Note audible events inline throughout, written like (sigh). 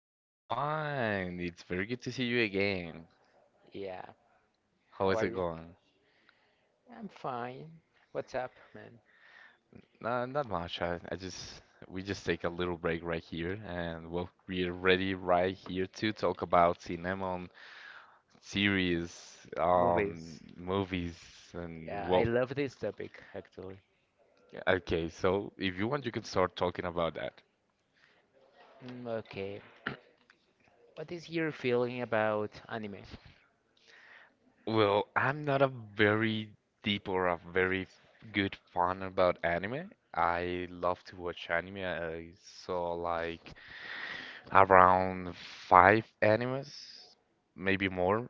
Mr. Juan, it's very good to see you again. Yeah, How how is are it you? going? I'm fine. What's up, man? No, not much. I just we just take a little break right here, and well, we're ready right here to talk about cinema, series, Movies. movies, and Yeah, I well, love this topic actually. okay. So if you want, you can start talking about that. Mm, okay. What is your feeling about anime? Well, I'm not a very deep or a very good fan about anime. I love to watch anime. I saw like around five animes, maybe more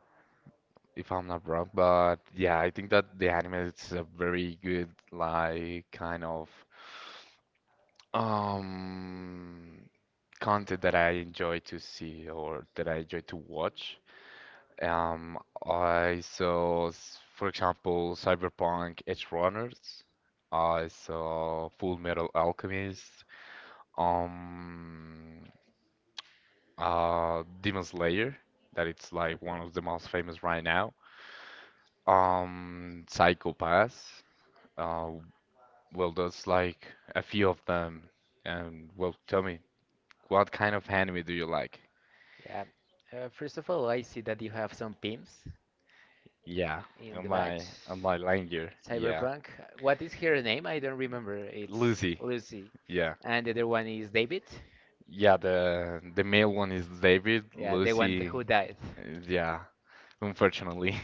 if I'm not wrong. But yeah, I think that the anime is a very good like kind of um content that I enjoy to see or that I enjoy to watch. Um, I saw, for example, Cyberpunk Edge Runners. I saw Full Metal Alchemist. Um, Demon Slayer, that it's like Okay. one of the most famous right now. Psycho Pass. Uh, well, that's like a few of them. And well, tell me, what kind of anime do you like? Yeah. First of all, I see that you have some pimps Yeah, in the batch. And my language. Yeah, Cyberpunk. What is her name? I don't remember. It's Lucy. Lucy. Yeah, And the other one is David. yeah. The male one is David. Yeah, the one Lucy. who died. Yeah, unfortunately.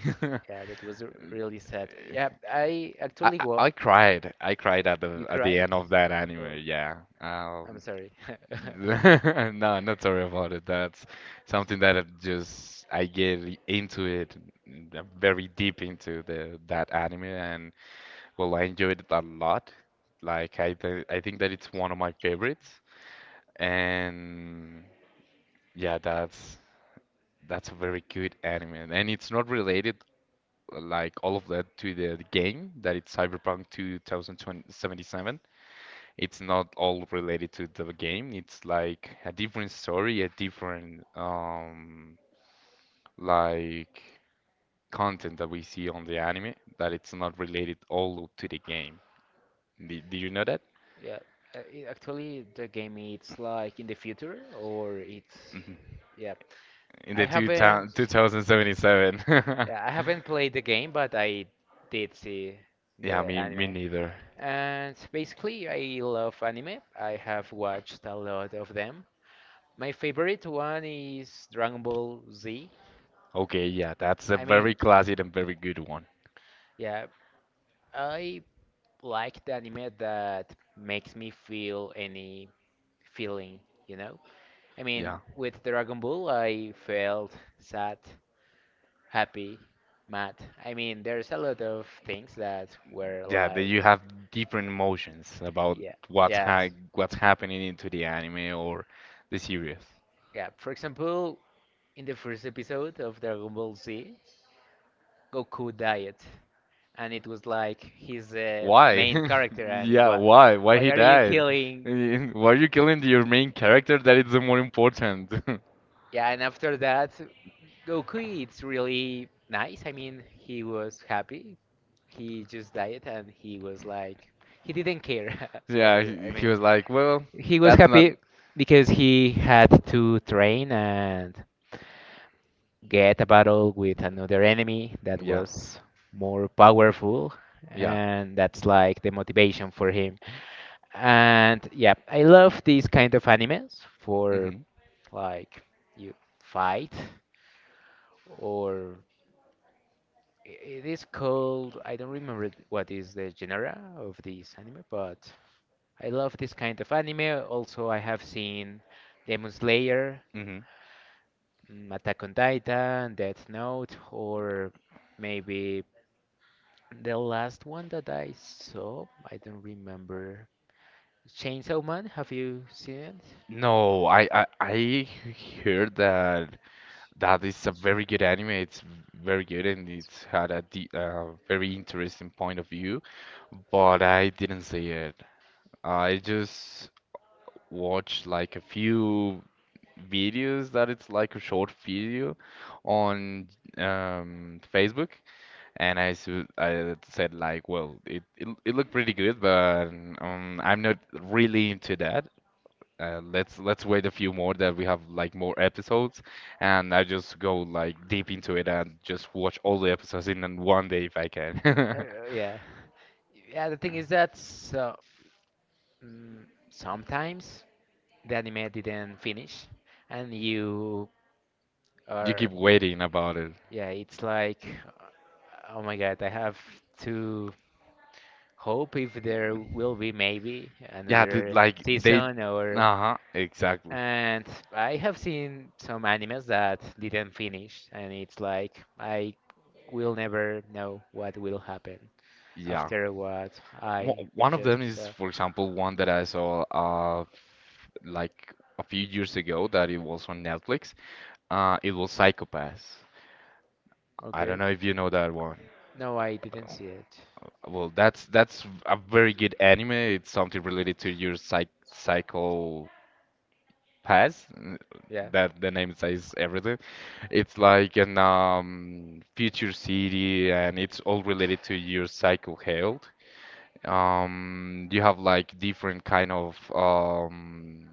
Yeah, that was really sad. Yeah, I (laughs) I, actually I wa I cried. I cried at the You at the cried? end Oh, of that anime. Yeah. I'm sorry. (laughs) (laughs) Uh, (laughs) no, not sorry about it. That's something that I just I into it, I'm very deep into the that anime, and well, I enjoyed it a lot. Like I think that it's one of my favorites, and yeah, that's a very good anime, and it's not related like all of that to the game that it's Cyberpunk 2077. It's not all related to the game. It's like a different story, a different like content that we see on the anime that it's not related all to the game. Did you know that? Yeah, it, actually, the game it's like in the future or it's Mhm. yeah. In I the haven't (laughs) 2077. yeah I (laughs) haven't played the game, but I did see Yeah, the me anime. neither. And basically, I love anime. I have watched a lot of them. My favorite one is Dragon Ball Z. Okay, yeah, that's a I mean, very classic and very good one. yeah, I like the anime that makes me feel any feeling, you know? I mean, Yeah. with Dragon Ball, I felt sad, happy, mad. I mean, there's a lot of things that were Yeah, that like, you have different emotions about yeah, what's yes, yeah, ha what's happening into the anime or the series. yeah. For example, in the first episode of Dragon Ball Z, Goku died, and it was like his Why? main character, (laughs) and Yeah, what? why? Why Why he are you died? (laughs) killing? Why are you killing your main character? That is the more important. (laughs) Yeah, and after that, Goku, it's really nice. I mean, he was happy. He just died, and he was like, he didn't care. (laughs) So Yeah, yeah, I he mean, was like, well, well, he was that's not. happy because he had to train and get a battle with another enemy that Yeah, was more powerful, yeah. and that's like the motivation for him. And yeah, I love these kind of animes for, hmm like, you fight, or it is called, I don't remember what is the genre of this anime, but I love this kind of anime. Also, I have seen Demon Slayer, hmm Attack on Titan, Death Note, or maybe the last one that I saw, I don't remember. Chainsaw Man, have you seen it? No, I heard that that is a very good anime. It's very good and it's had a de very interesting point of view, but I didn't see it. I just watched like a few videos that it's like a short video on Facebook, and I said like, well, it looked pretty good, but I'm not really into that. Let's wait a few more that we have like more episodes, and I just go like deep into it and just watch all the episodes in one day if I can. (laughs) Yeah. (laughs) Yeah, the thing is that, so, mm, sometimes the anime didn't finish, and you You are, keep can, waiting about it. yeah, it's like, oh my God, I have to hope if there will be maybe Yeah, the, another like they. season, or, Uh-huh, exactly. and I have seen some animes that didn't finish, and it's like I will never know what will happen Yeah. after what I One of just them is, saw. for example, one that I saw like a few years ago that it was on Netflix. It was Psychopaths. I don't Okay. know if you know that one. No, I didn't see it. Well, that's a very good anime. It's something related to your psychopaths. n- Yeah. That the name says everything. It's like an future city, and it's all related to your psycho health. You have like different kind of um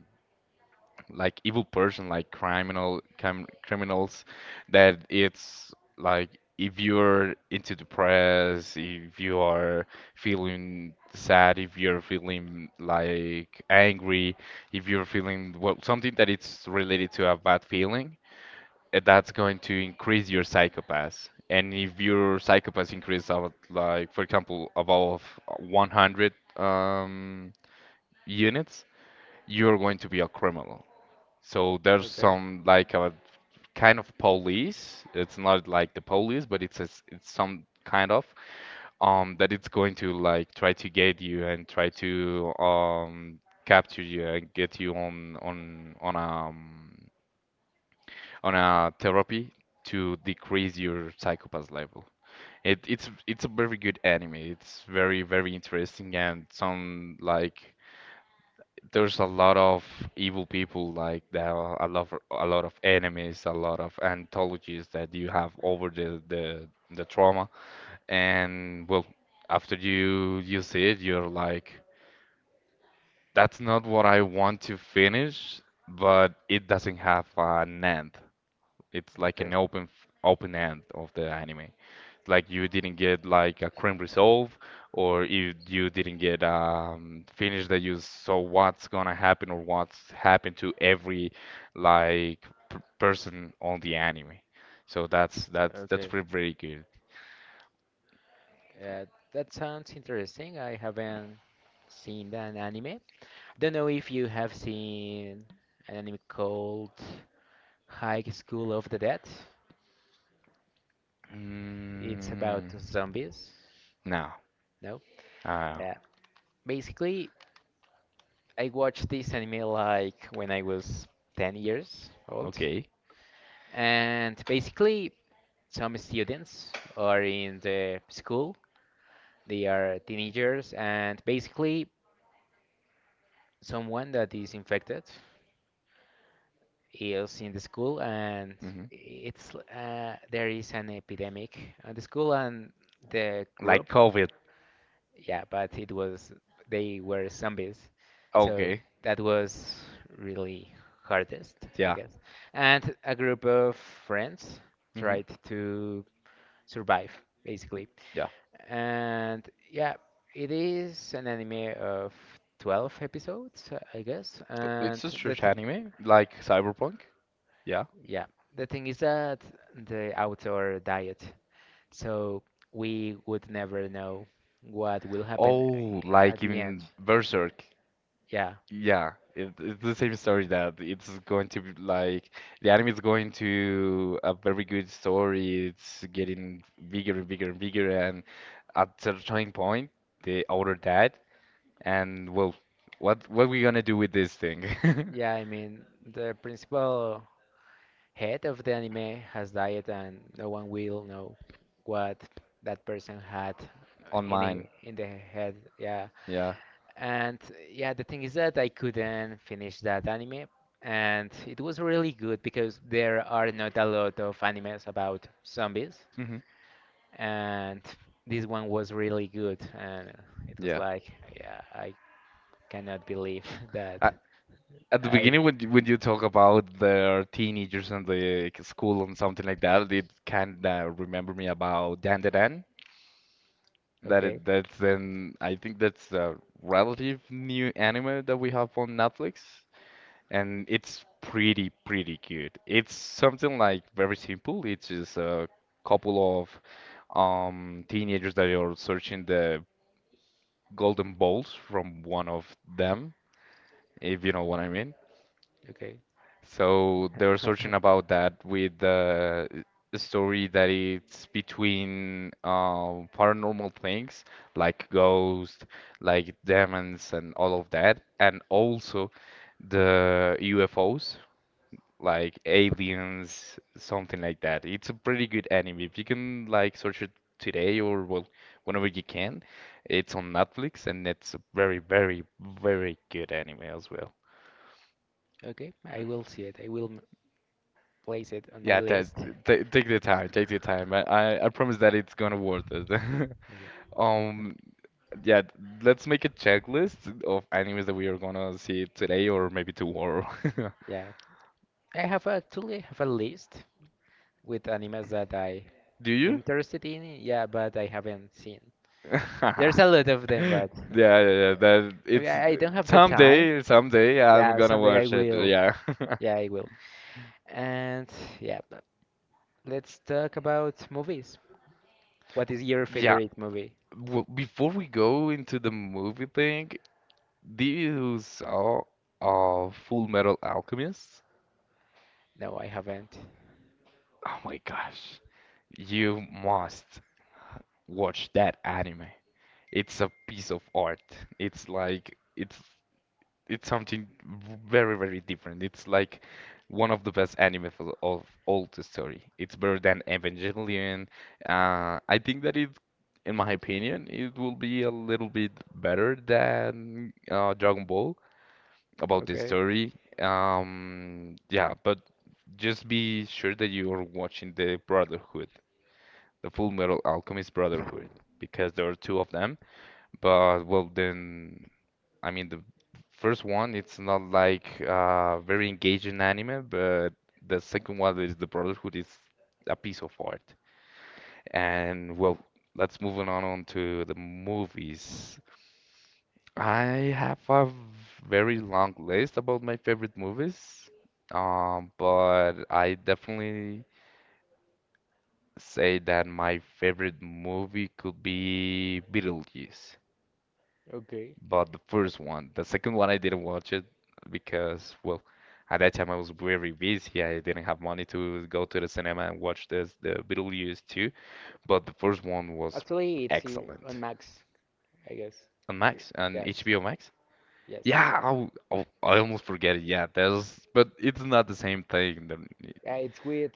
like evil person, like criminals, that it's like if you're into the press, if you are feeling sad, if you're feeling like angry, if you're feeling well something that it's related to a bad feeling, that's going to increase your psychopath. And if your psychopath increase about like for example above 100 units, you're going to be a criminal. So there's Okay. some like a kind of police. It's not like the police, but it's a s it's some kind of that it's going to like try to get you and try to capture you and get you on a therapy to decrease your psychopath level. It's a very good anime. It's very interesting and some like there's a lot of evil people like there are a lot of enemies, a lot of anthologies that you have over the trauma and well after you see it you're like that's not what I want to finish but it doesn't have an end. It's like an Okay. Open end of the anime like you didn't get like a cream resolve or if you didn't get finish that you saw what's gonna happen or what's happened to every like p person on the anime. So that's Okay. pretty pretty good. Uh, that sounds interesting. I haven't seen an anime. Don't know if you have seen an anime called High School of the Dead. It's about Mm, zombies. no. No? Uh, Yeah. Basically, I watched this anime like when I was 10 years old. okay. And basically, some students are in the school. They are teenagers, and basically, someone that is infected is in the school, and Hmm. it's there is an epidemic at the school, and the Like group, COVID. yeah, but it was, they were zombies, so Okay. that was really hardest, I Yeah. guess. And a group of friends Hmm. tried to survive, basically. Yeah. And yeah, it is an anime of 12 episodes, I guess, and It's a the church anime, like Cyberpunk. Yeah. yeah, the thing is that the outdoor diet, so we would never know what will happen Oh, at like the end. in Berserk. Yeah, Yeah, it's the same story that it's going to be like the anime is going to a very good story. It's getting bigger and bigger and bigger, and at certain point, the author died. And well, what we gonna do with this thing? yeah, I mean, the principal head of the anime has died, and no one will know what that person had (laughs) On in the, mine, in the head. Yeah, yeah, and yeah, the thing is that I couldn't finish that anime. And it was really good because there are not a lot of animes about zombies. hmm, And this one was really good, and it was yeah. like, yeah, I cannot believe (laughs) that I, at the I. beginning, when when you talk about the teenagers and the like, school and something like that, it kinda remember me about Dan. Okay. That's then I think that's the relative new anime that we have on Netflix, and it's pretty pretty good. It's something like very simple. It's just a couple of teenagers that are searching the golden balls from one of them, if you know what I mean. Okay. So they were searching (laughs) about that with the story that it's between paranormal things like ghosts, like demons, and all of that, and also the UFOs, like aliens, something like that. It's a pretty good anime. If you can like search it today or well, whenever you can, it's on Netflix, and it's a very, very, very good anime as well. Okay, I will see it. I will place it on my Yeah, that list. t take the time, take the time. I promise that it's gonna worth it. (laughs) Okay. Um, yeah, let's make a checklist of animes that we are gonna see today or maybe tomorrow. Yeah, I have actually have a list with animes that I (laughs) Do you? interested in, yeah, but I haven't seen. (laughs) There's a lot of them, Yeah, but yeah, yeah. That (laughs) maybe it's I don't have the time. someday, someday I'm Yeah, gonna someday I watch it. will. Yeah. (laughs) (laughs) Yeah, I will. And yeah, but let's talk about movies. What is your, yeah. Yeah. favorite movie? Well, before we go into the movie thing, do you saw Full Metal Alchemist? No, I haven't. Oh my gosh. You must watch that anime. It's a piece of art. It's like it's something very, very different. It's like one of the best anime of all the story. It's better than Evangelion. I think in my opinion, it will be a little bit better than Dragon Ball about the Okay. story. Yeah, but just be sure that you are watching the Full Metal Alchemist Brotherhood because there are two of them. But well, then I mean the first one it's not like very engaging anime, but the second one is the Brotherhood is a piece of art. And well, let's move on to the movies. I have a very long list about my favorite movies, but I definitely say that my favorite movie could be Beetlejuice, Okay. but the first one. The second one I didn't watch it because, well, at that time I was very busy. I didn't have money to go to the cinema and watch this the Beetlejuice 2, but the first one was Actually, it's on excellent. Max, I guess. On Y- Max, on Yes. HBO Max? Yes. Yeah, I almost forget it. Yeah, there's, but it's not the same thing. Yeah, it's with,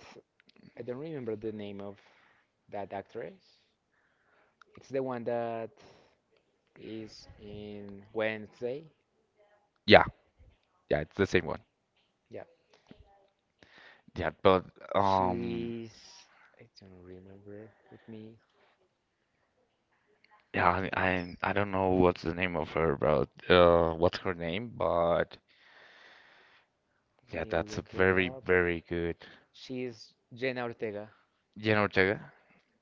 I don't remember the name of that actress. It's the one that is in Wednesday. Yeah, yeah, it's the same one. Yeah, Yeah, but um. she's, I don't remember. Let me Yeah, let I don't know what's the name of her, bro. What's her name? But yeah, that's a look it very up. very good. She's Jenna Ortega. Jenna Ortega.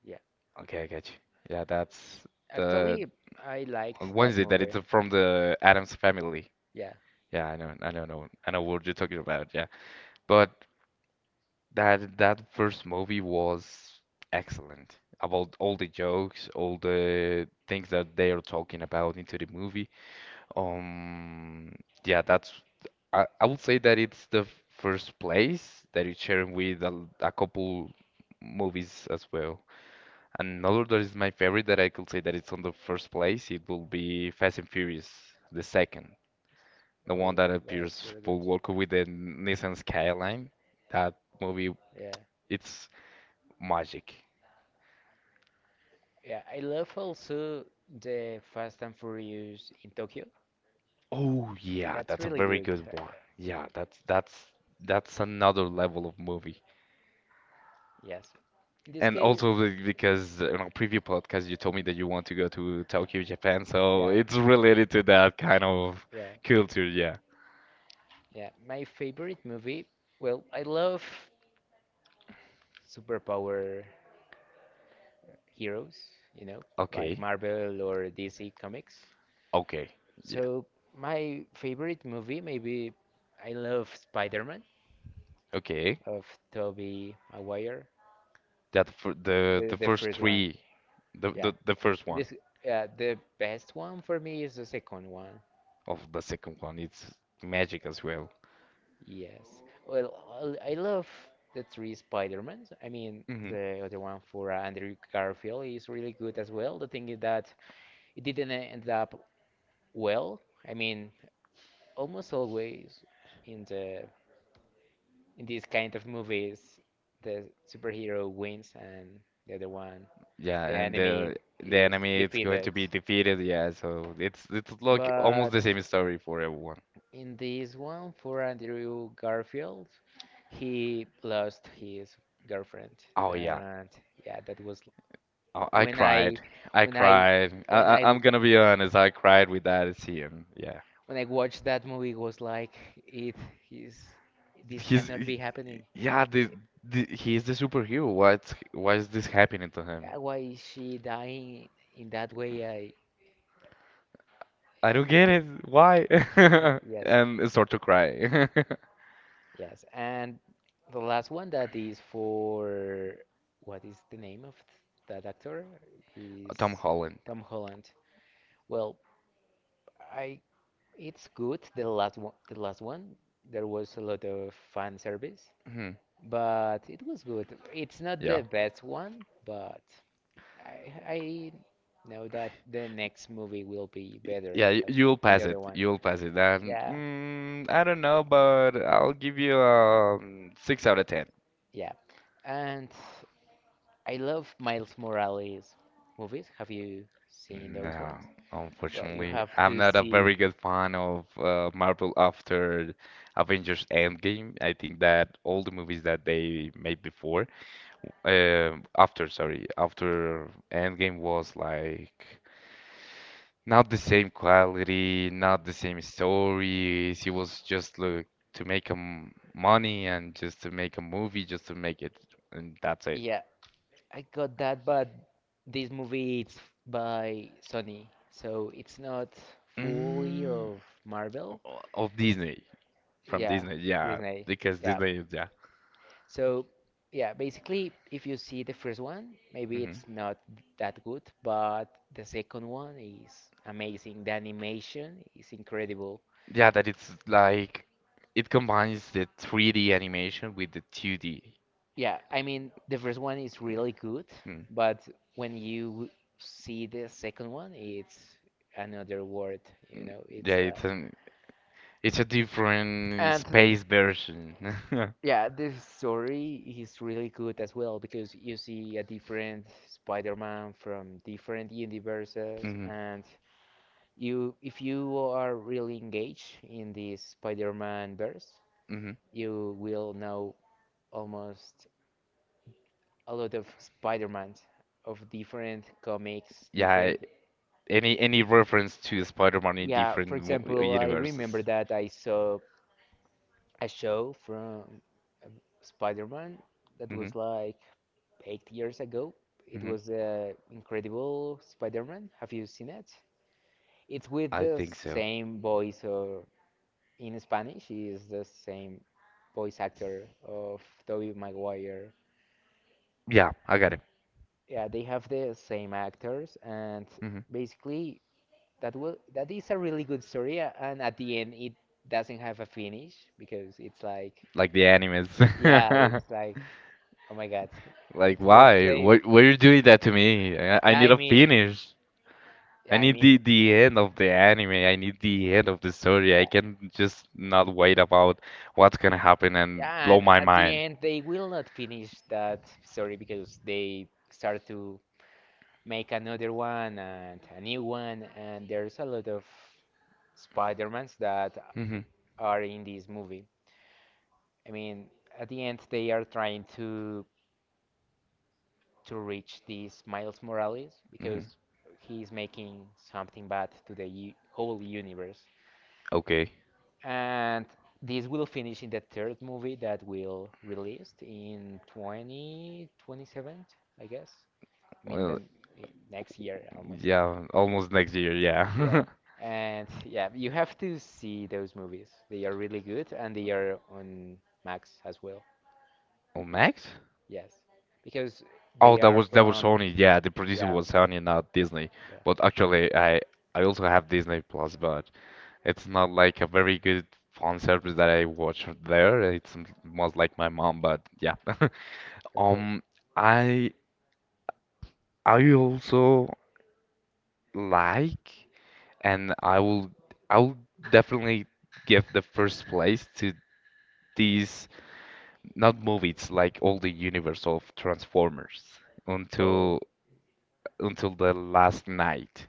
Yeah, Okay, I get you. Yeah, that's the actually, I liked on that Wednesday that movie. it's from the Adams family. Yeah. Yeah, I know, I know what you're talking about. Yeah, but that that first movie was excellent. About all the jokes, all the things that they are talking about into the movie, Um, yeah, that's I would say that it's the first place that it's sharing with a couple movies as well. Another that is my favorite that I could say that it's on the first place, it will be Fast and Furious, the second. The Oh, one that that's appears really good. Paul Walker with the Nissan Skyline. That movie, Yeah, it's magic. yeah. I love also the Fast and Furious in Tokyo. Oh yeah, That's that's a really very good. good one. Yeah, that's another level of movie. Yes. In this And case, also because in our previous podcast you told me that you want to go to Tokyo, Japan, so yeah, it's related to that kind of yeah. culture, yeah. Yeah, my favorite movie. Well, I love superpower heroes, you know, like Okay. Marvel or DC Comics. Okay. Yeah. So my favorite movie, maybe I love Spider-Man Okay. of Tobey Maguire, That for the, the the first first one. three, Yeah, the first and one this the best one for me is the second one. of the second one, it's magic as well. Yes. Well, I love the three Spider-Mans. I mean, Hmm. the other one for Andrew Garfield is really good as well. The thing is that it didn't end up well. I mean, almost always in these kind of movies, the superhero wins, and the other one, Yeah, the and enemy, the is enemy is going defeated. to be defeated. Yeah, so it's like almost But the same story for everyone. in this one, for Andrew Garfield, he lost his girlfriend, Oh yeah. and yeah, that was Oh, I when I, cried. I when I, cried. when I, I I, I'm gonna be honest. I cried with that when scene. Yeah. I watched that movie, it was like, it is, this He's cannot be he- happening. yeah. The He is the superhero. What's Why is this happening to him? Why is she dying in that way? I don't get Yeah, it. Why? (laughs) (laughs) yes. And start to cry. Yes, and the last one that is for, what is the name of that actor, (laughs) is Tom Holland. Tom Holland. Well, I it's good, the last one. There was a lot of fan service, Hmm. but it was good. It's not the Yeah. best one, but I I know that the next movie will be better Yeah, than, you'll the pass other it. one. You'll pass it. And Yeah, I don't know, but I'll give you six out of... yeah. And I love Miles Morales movies. Have you seen those No, ones? Well, you unfortunately, have to I'm not a see. very good fan of Marvel after Avengers Endgame. I think that all the movies that they made before, after, sorry, after Endgame was like not the same quality, not the same stories. It was just look to make money and just to make a movie, just to make it, and that's it. Yeah, I got that, but this movie it's by Sony, so it's not fully Mm, of Marvel. Of Disney. From Yeah, Disney, yeah, Disney. because Yeah. Disney, yeah. So yeah, basically, if you see the first one, maybe Hmm. it's not that good, but the second one is amazing. The animation is incredible. Yeah, that it's like it combines the 3D animation with the 2D. Yeah, I mean, the first one is really good, Mm. but when you see the second one, it's another world, you know, it's Yeah, like. It's a different And space version. (laughs) yeah, the story is really good as well because you see a different Spider-Man from different universes, Hmm. and you if you are really engaged in the Spider-Man verse, Hmm. you will know almost a lot of Spider-Mans of different comics, yeah, different. Yeah, any reference to Spider-Man in Yeah, for different example, I universes. remember that I saw a show from um, Spider-Man that was Hmm. like 8 years ago. It Hmm. was Incredible Spider-Man. Have you seen it? It's with I the think so. same voice, or, in Spanish, he is the same voice actor of Tobey Maguire. Yeah, I got it. Yeah, they have the same actors, and Hmm. basically that is a really good story. And at the end, it doesn't have a finish because it's like, Like the animes. yeah, (laughs) it's like, oh my God, Like it's the why? same. Why are you doing that to me? I Yeah, I need a mean, (laughs) finish. yeah, I I need mean, the end of the anime. I need the end of the story. yeah. I can just not wait about what's gonna happen and Yeah, and blow my at the mind. end they will not finish that story because they start to make another one and a new one, and there's a lot of Spider-Mans that Hmm. are in this movie. I mean, at the end they are trying to reach this Miles Morales Hmm. because he's making something bad to the u whole universe. Okay. And this will finish in the third movie that will released in 2027, I guess. I mean, Well, then next year almost. yeah, almost next year, Yeah. yeah. And yeah, you have to see those movies. They are really good, and they are on Max as well. (laughs) Oh, next? Yes. Because Oh, they are that was from, Sony. Yeah, the producer yeah. was Sony, not Disney. Yeah. But actually, I also have Disney Plus, but it's not like a very good fun service that I watch there. It's most like my mom, but yeah. (laughs) Okay. Um, I I also like, and I will definitely give the first place to these not movies like all the universe of Transformers Oh. until until the last night.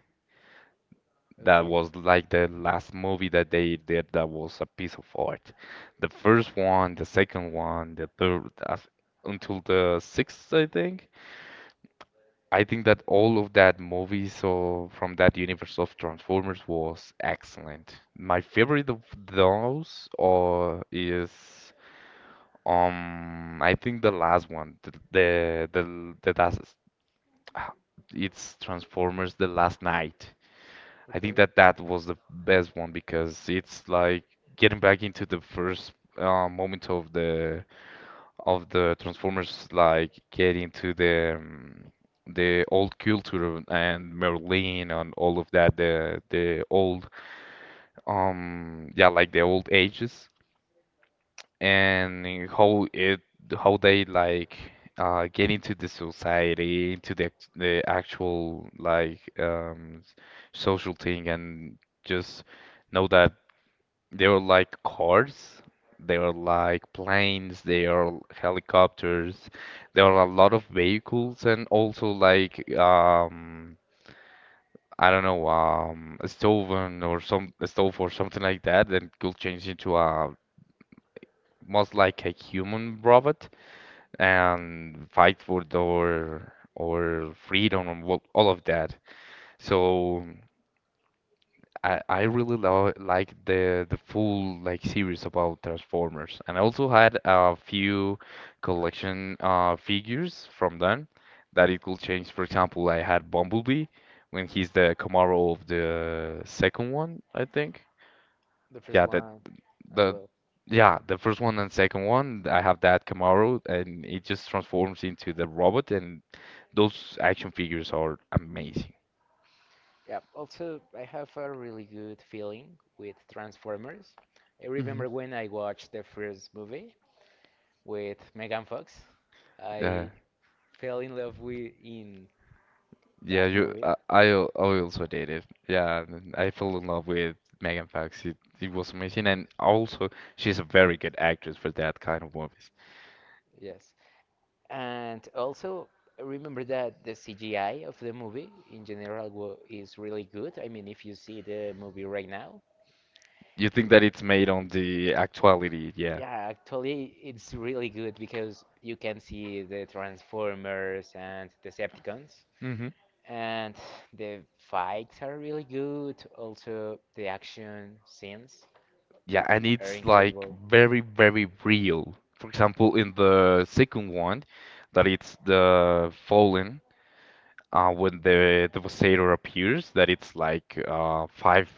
That, That okay. was, was like the last movie that they did that was a piece of art. The first one, the second one, the third, until the sixth, I think. I think that all of that movies so from that universe of Transformers was excellent. My favorite of those or is I think the last one, the that's it's Transformers The Last Night. I think okay. that that was the best one because it's like getting back into the first moment of the Transformers, like getting to the old culture and Merlin and all of that, the old yeah like the old ages and how it how they like get into the society, into the the actual like social thing, and just know that they are like cars, they are like planes, they are helicopters, there are a lot of vehicles, and also like I don't know, a stove or some a stove or something like that, then could change into a most like a human robot and fight for our or freedom and all of that. So I really lo like the full like series about Transformers, and I also had a few collection figures from them that it could change. For example, I had Bumblebee when he's the Camaro of the second one, I think. the first Yeah, that one as the well. yeah, the first one and second one, I have that Camaro, and it just transforms into the robot, and those action figures are amazing. Yeah, also, I have a really good feeling with Transformers. I remember when I watched the first movie with Megan Fox, Yeah, I fell in love with in yeah, that Megan movie. I also did it. Yeah, and I fell in love with Megan Fox. It was amazing, and also she's a very good actress for that kind of movies. Yes, and also remember that the CGI of the movie in general is really good. I mean, if you see the movie right now, You think that it's made on the actuality? Yeah. yeah, actually it's really good because you can see the Transformers and Decepticons, Hmm. and the fights are really good. Also, the action scenes Yeah, and are it's like incredible. very, very real. For example, in the second one, that it's the Fallen, when the Devastator appears, that it's like five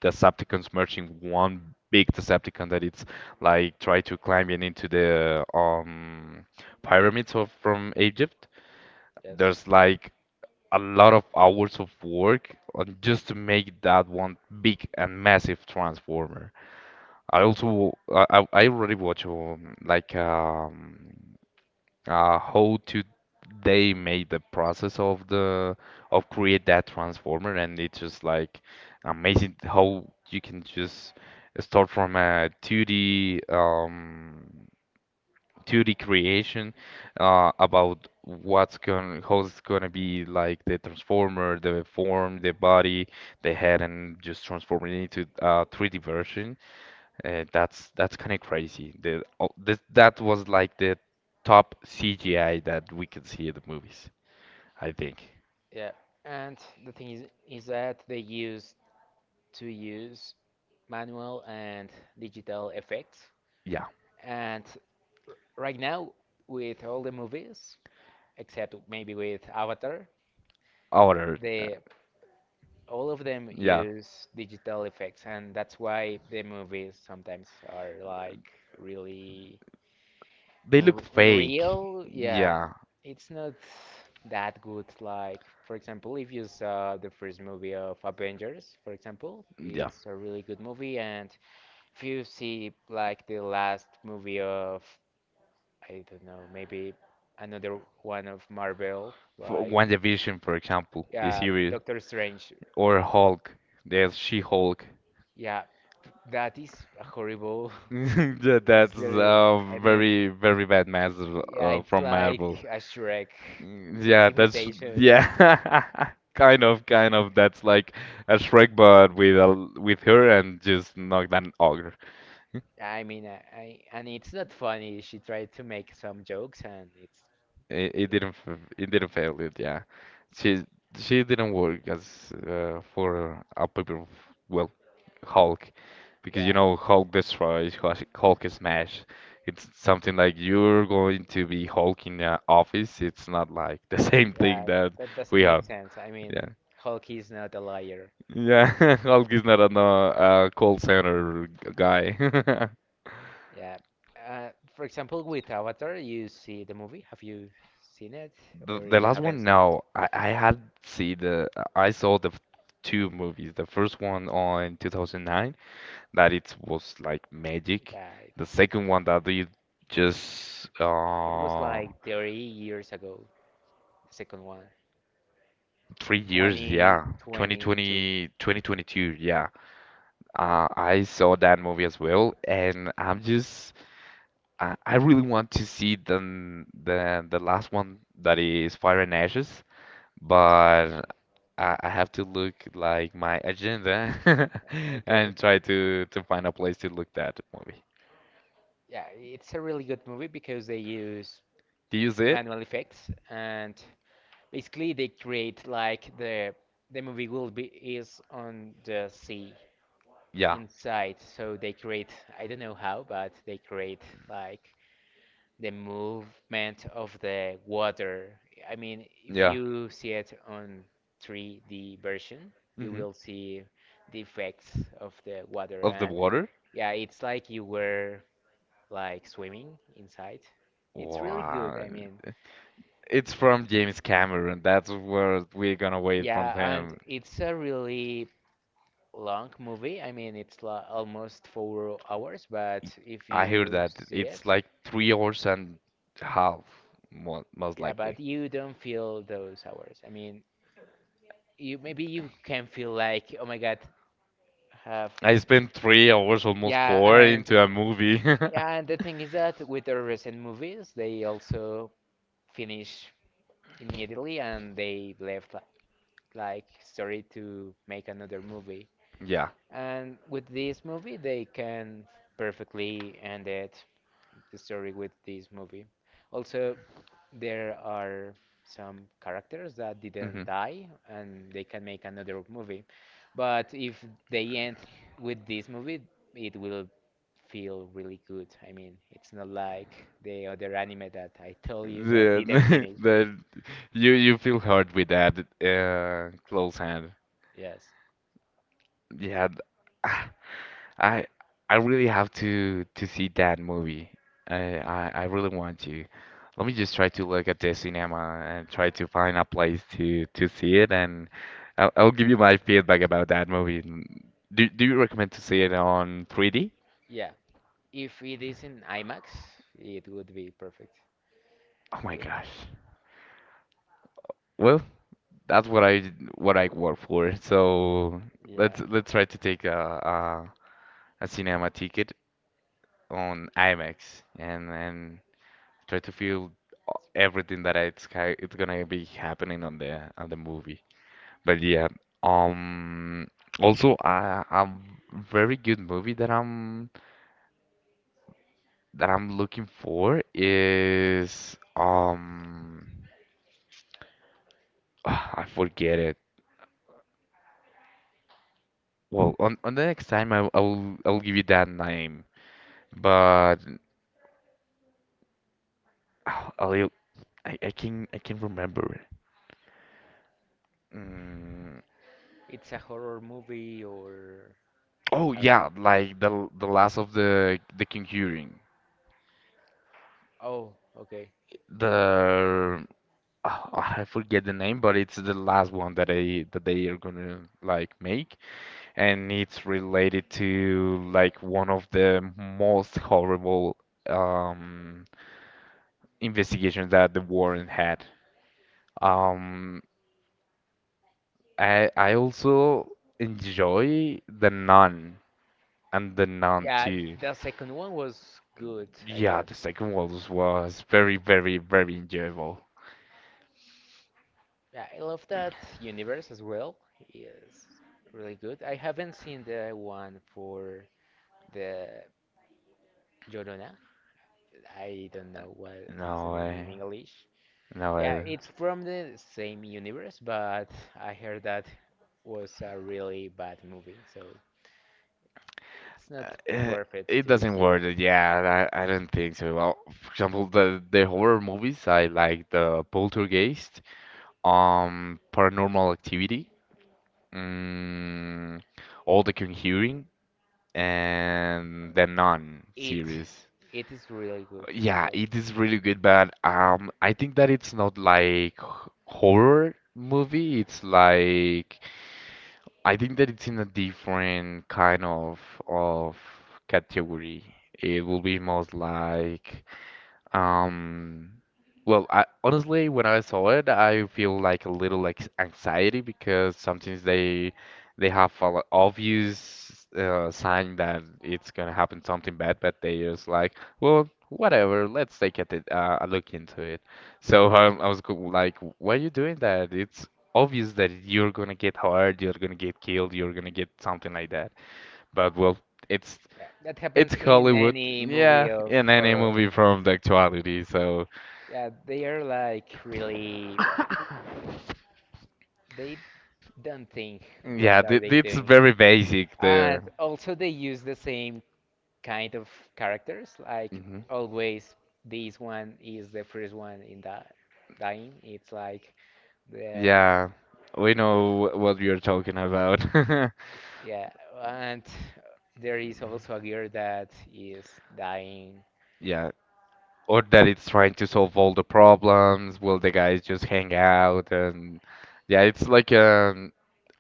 Decepticons merging one big Decepticon that it's like try to climb in into the pyramids of from Egypt. Yes, There's like a lot of hours of work on just to make that one big and massive transformer. I also I already watch how to they made the process of the of create that transformer and it's just like amazing how you can just start from a 2D 2D creation about what's going how it's going to be like the transformer, the form, the body, the head, and just transforming it into a 3D version. That's kind of crazy. That was like the top CGI that we could see in the movies, I think. yeah. And the thing is that they used to use manual and digital effects. Yeah. And right now, with all the movies, except maybe with Avatar, Other, the all of them yeah. use digital effects, and that's why the movies sometimes are like really They look fake. unreal. Yeah, Yeah, it's not that good. Like, for example, if you saw the first movie of Avengers, for example, yeah. it's a really good movie, and if you see like the last movie of, I don't know, maybe another one of Marvel, For like, WandaVision, for example, the yeah, series, Doctor Strange. or Hulk, the She-Hulk. Yeah, that is a horrible (laughs) Yeah, (laughs) that's series. a I mean, very, very bad mess yeah, it's from like Marvel. a Shrek Mm, Yeah, that's imitation. yeah, (laughs) kind of, kind of. That's like a Shrek, but with a with her and just not an ogre. I mean, I and it's not funny. She tried to make some jokes, and it's, It didn't fail it. Yeah, she she didn't work as for a paper. Well, Hulk, because you yeah, know Hulk destroys, Hulk smash. It's something like you're going to be Hulk in the office. It's not like the (laughs) same thing yeah, that that we doesn't make have. sense. I Yeah, mean, Hulk is not a liar. yeah. (laughs) Hulk is not a no, call center guy. (laughs) Yeah. Uh, for example, with Avatar, you see the movie. Have you seen it, or the you last haven't one, seen it? no. I saw the two movies. The first one on 2009 that it was like magic. Yeah, The second one that they just it was uh... like 30 years ago, the second one, 3 years, yeah. twenty 2022. twenty, 2022, yeah. I saw that movie as well, and I'm just I really want to see the the last one that is Fire and Ashes, but I have to look like my agenda (laughs) and Okay. try to find a place to look that movie. Yeah, it's a really good movie because they use Do you see it? manual effects, and basically they create like the movie will be is on the sea Yeah, inside. So they create, I don't know how, but they create like the movement of the water. I mean, if yeah. you see it on 3D version, you Hmm. will see the effects of the water, Of the and water? yeah, it's like you were like swimming inside. It's really good. Wow. I mean, It's from James Cameron. That's what we're gonna wait from yeah, and him. it's a really long movie. I mean, it's la almost 4 hours, but if I hear you that. see it, It's like 3 hours and half, most yeah, but likely. you don't feel those hours. I mean, you maybe you can feel like, oh my God, have, I spent 3 hours, almost yeah, four, and into a movie. (laughs) yeah, and the thing is that with the recent movies, they also finish immediately and they left like story to make another movie. Yeah. And with this movie, they can perfectly end it, the story, with this movie. Also, there are some characters that Hmm. didn't die and they can make another movie. But if they end with this movie, it will feel really good. I mean, it's not like the other anime that I told you that Yeah, didn't finish. (laughs) that you feel hurt with that close hand. Yes. Yeah, (sighs) ah, I I really have to see that movie. I really want to. Let me just try to look at the cinema and try to find a place to see it, and I'll give you my feedback about that movie. Mm, do do you recommend to see it on 3D? Yeah. If it is in IMAX, it would be perfect. Oh my With, gosh. Well, That's what I work for. So yeah, let's try to take a cinema ticket on IMAX and try to feel everything that it's gonna be happening on the movie. But yeah, um, also a very good movie that I'm looking for is (sighs) I forget it. Well, on the next time I'll give you that name. But (sighs) oh, a little. I can remember it. Mm, it's a horror movie, or, oh yeah, like the last of the Conjuring. oh, okay. The (sighs) oh, I forget the name, but it's the last one that they are gonna like make, and it's related to like one of the most horrible um investigations that the Warren had. Um, I also enjoy The Nun and the Nun Yeah, too. the second one was good, I Yeah, guess. the second one was very, very, very enjoyable. Yeah, I love that universe as well. Yes, really good. I haven't seen the one for the Llorona. I don't know what is the No name in way, English. no Yeah, way. it's from the same universe, but I heard that was a really bad movie, so it's not Uh, eh, worth it it to doesn't see it. work. Yeah, I don't think so. Well, for example, the horror movies I like the Poltergeist, Paranormal Activity, mm, all the Conjuring, and the Nun It series. it is really good as Yeah, well. it is really good, but I think that it's not like horror movie. It's like I think that it's in a different kind of category. It will be most like um, well, I honestly, when I saw it, I feel like a little like anxiety because sometimes they have a obvious sign that it's gonna happen something bad, but they just like, well, whatever, let's take it a look into it. So I was like, why are you doing that? It's obvious that you're gonna get hurt, you're gonna get killed, you're gonna get something like that. But well, it's Yeah, that happens it's in Hollywood. any movie Yeah, of in any horror. movie from the actuality. So Yeah, they are like really. They don't think what yeah, are th they it's doing, very basic and there. also they use the same kind of characters. Like Hmm. always, this one is the first one in the dying. It's like the, Yeah, we know what you're talking about. (laughs) yeah, and there is also a girl that is dying. Yeah, or that it's trying to solve all the problems. Will the guys just hang out and yeah, it's like a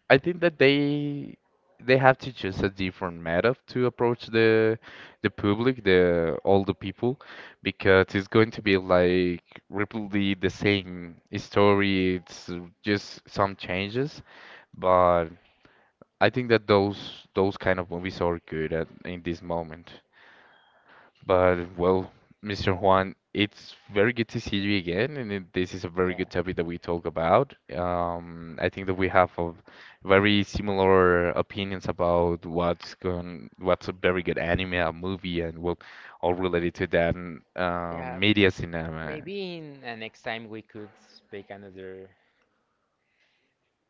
I think that they have to choose a different method to approach the public, the all the people, because it's going to be like repeatedly the same story. It's just some changes, but I think that those kind of movies are good at in this moment. But well, Mr. Juan, it's very good to see you again, and this is a very Yeah, good topic that we talk about. I think that we have a very similar opinions about what's going, what's a very good anime, a movie, and well, all related to that, and yeah. Media cinema. Maybe in next time we could speak another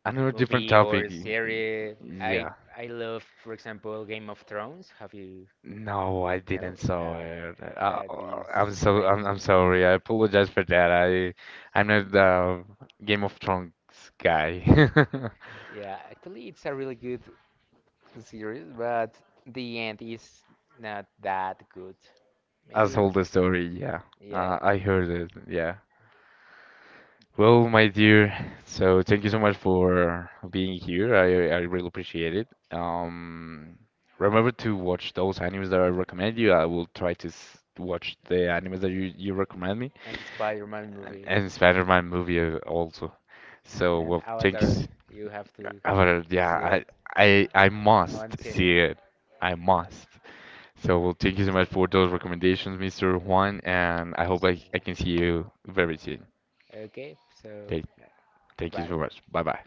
Another different movie or topic. Series. I y- I love, for example, Game of Thrones. Have you No, I know? didn't saw it. That is I'm amazing. sorry. I apologize for that. I'm not the Game of Thrones guy. (laughs) Yeah, actually, it's a really good series, but the end is not that good. As Maybe, saw the story. Yeah, yeah, I heard it. Yeah. Well, my dear, so thank you so much for being here. I really appreciate it. Remember to watch those animes that I recommend you. I will try to s watch the animes that you recommend me, and the Spider-Man movie and Spider-Man movie also. So, and well, Avatar, thanks. you have to Yeah, see it I on must cine. see it. I must. So, well, thank you so much for those recommendations, Mr. Juan, and I hope I can see you very soon. Okay, so Thank yeah, thank you goodbye. so much. Bye bye.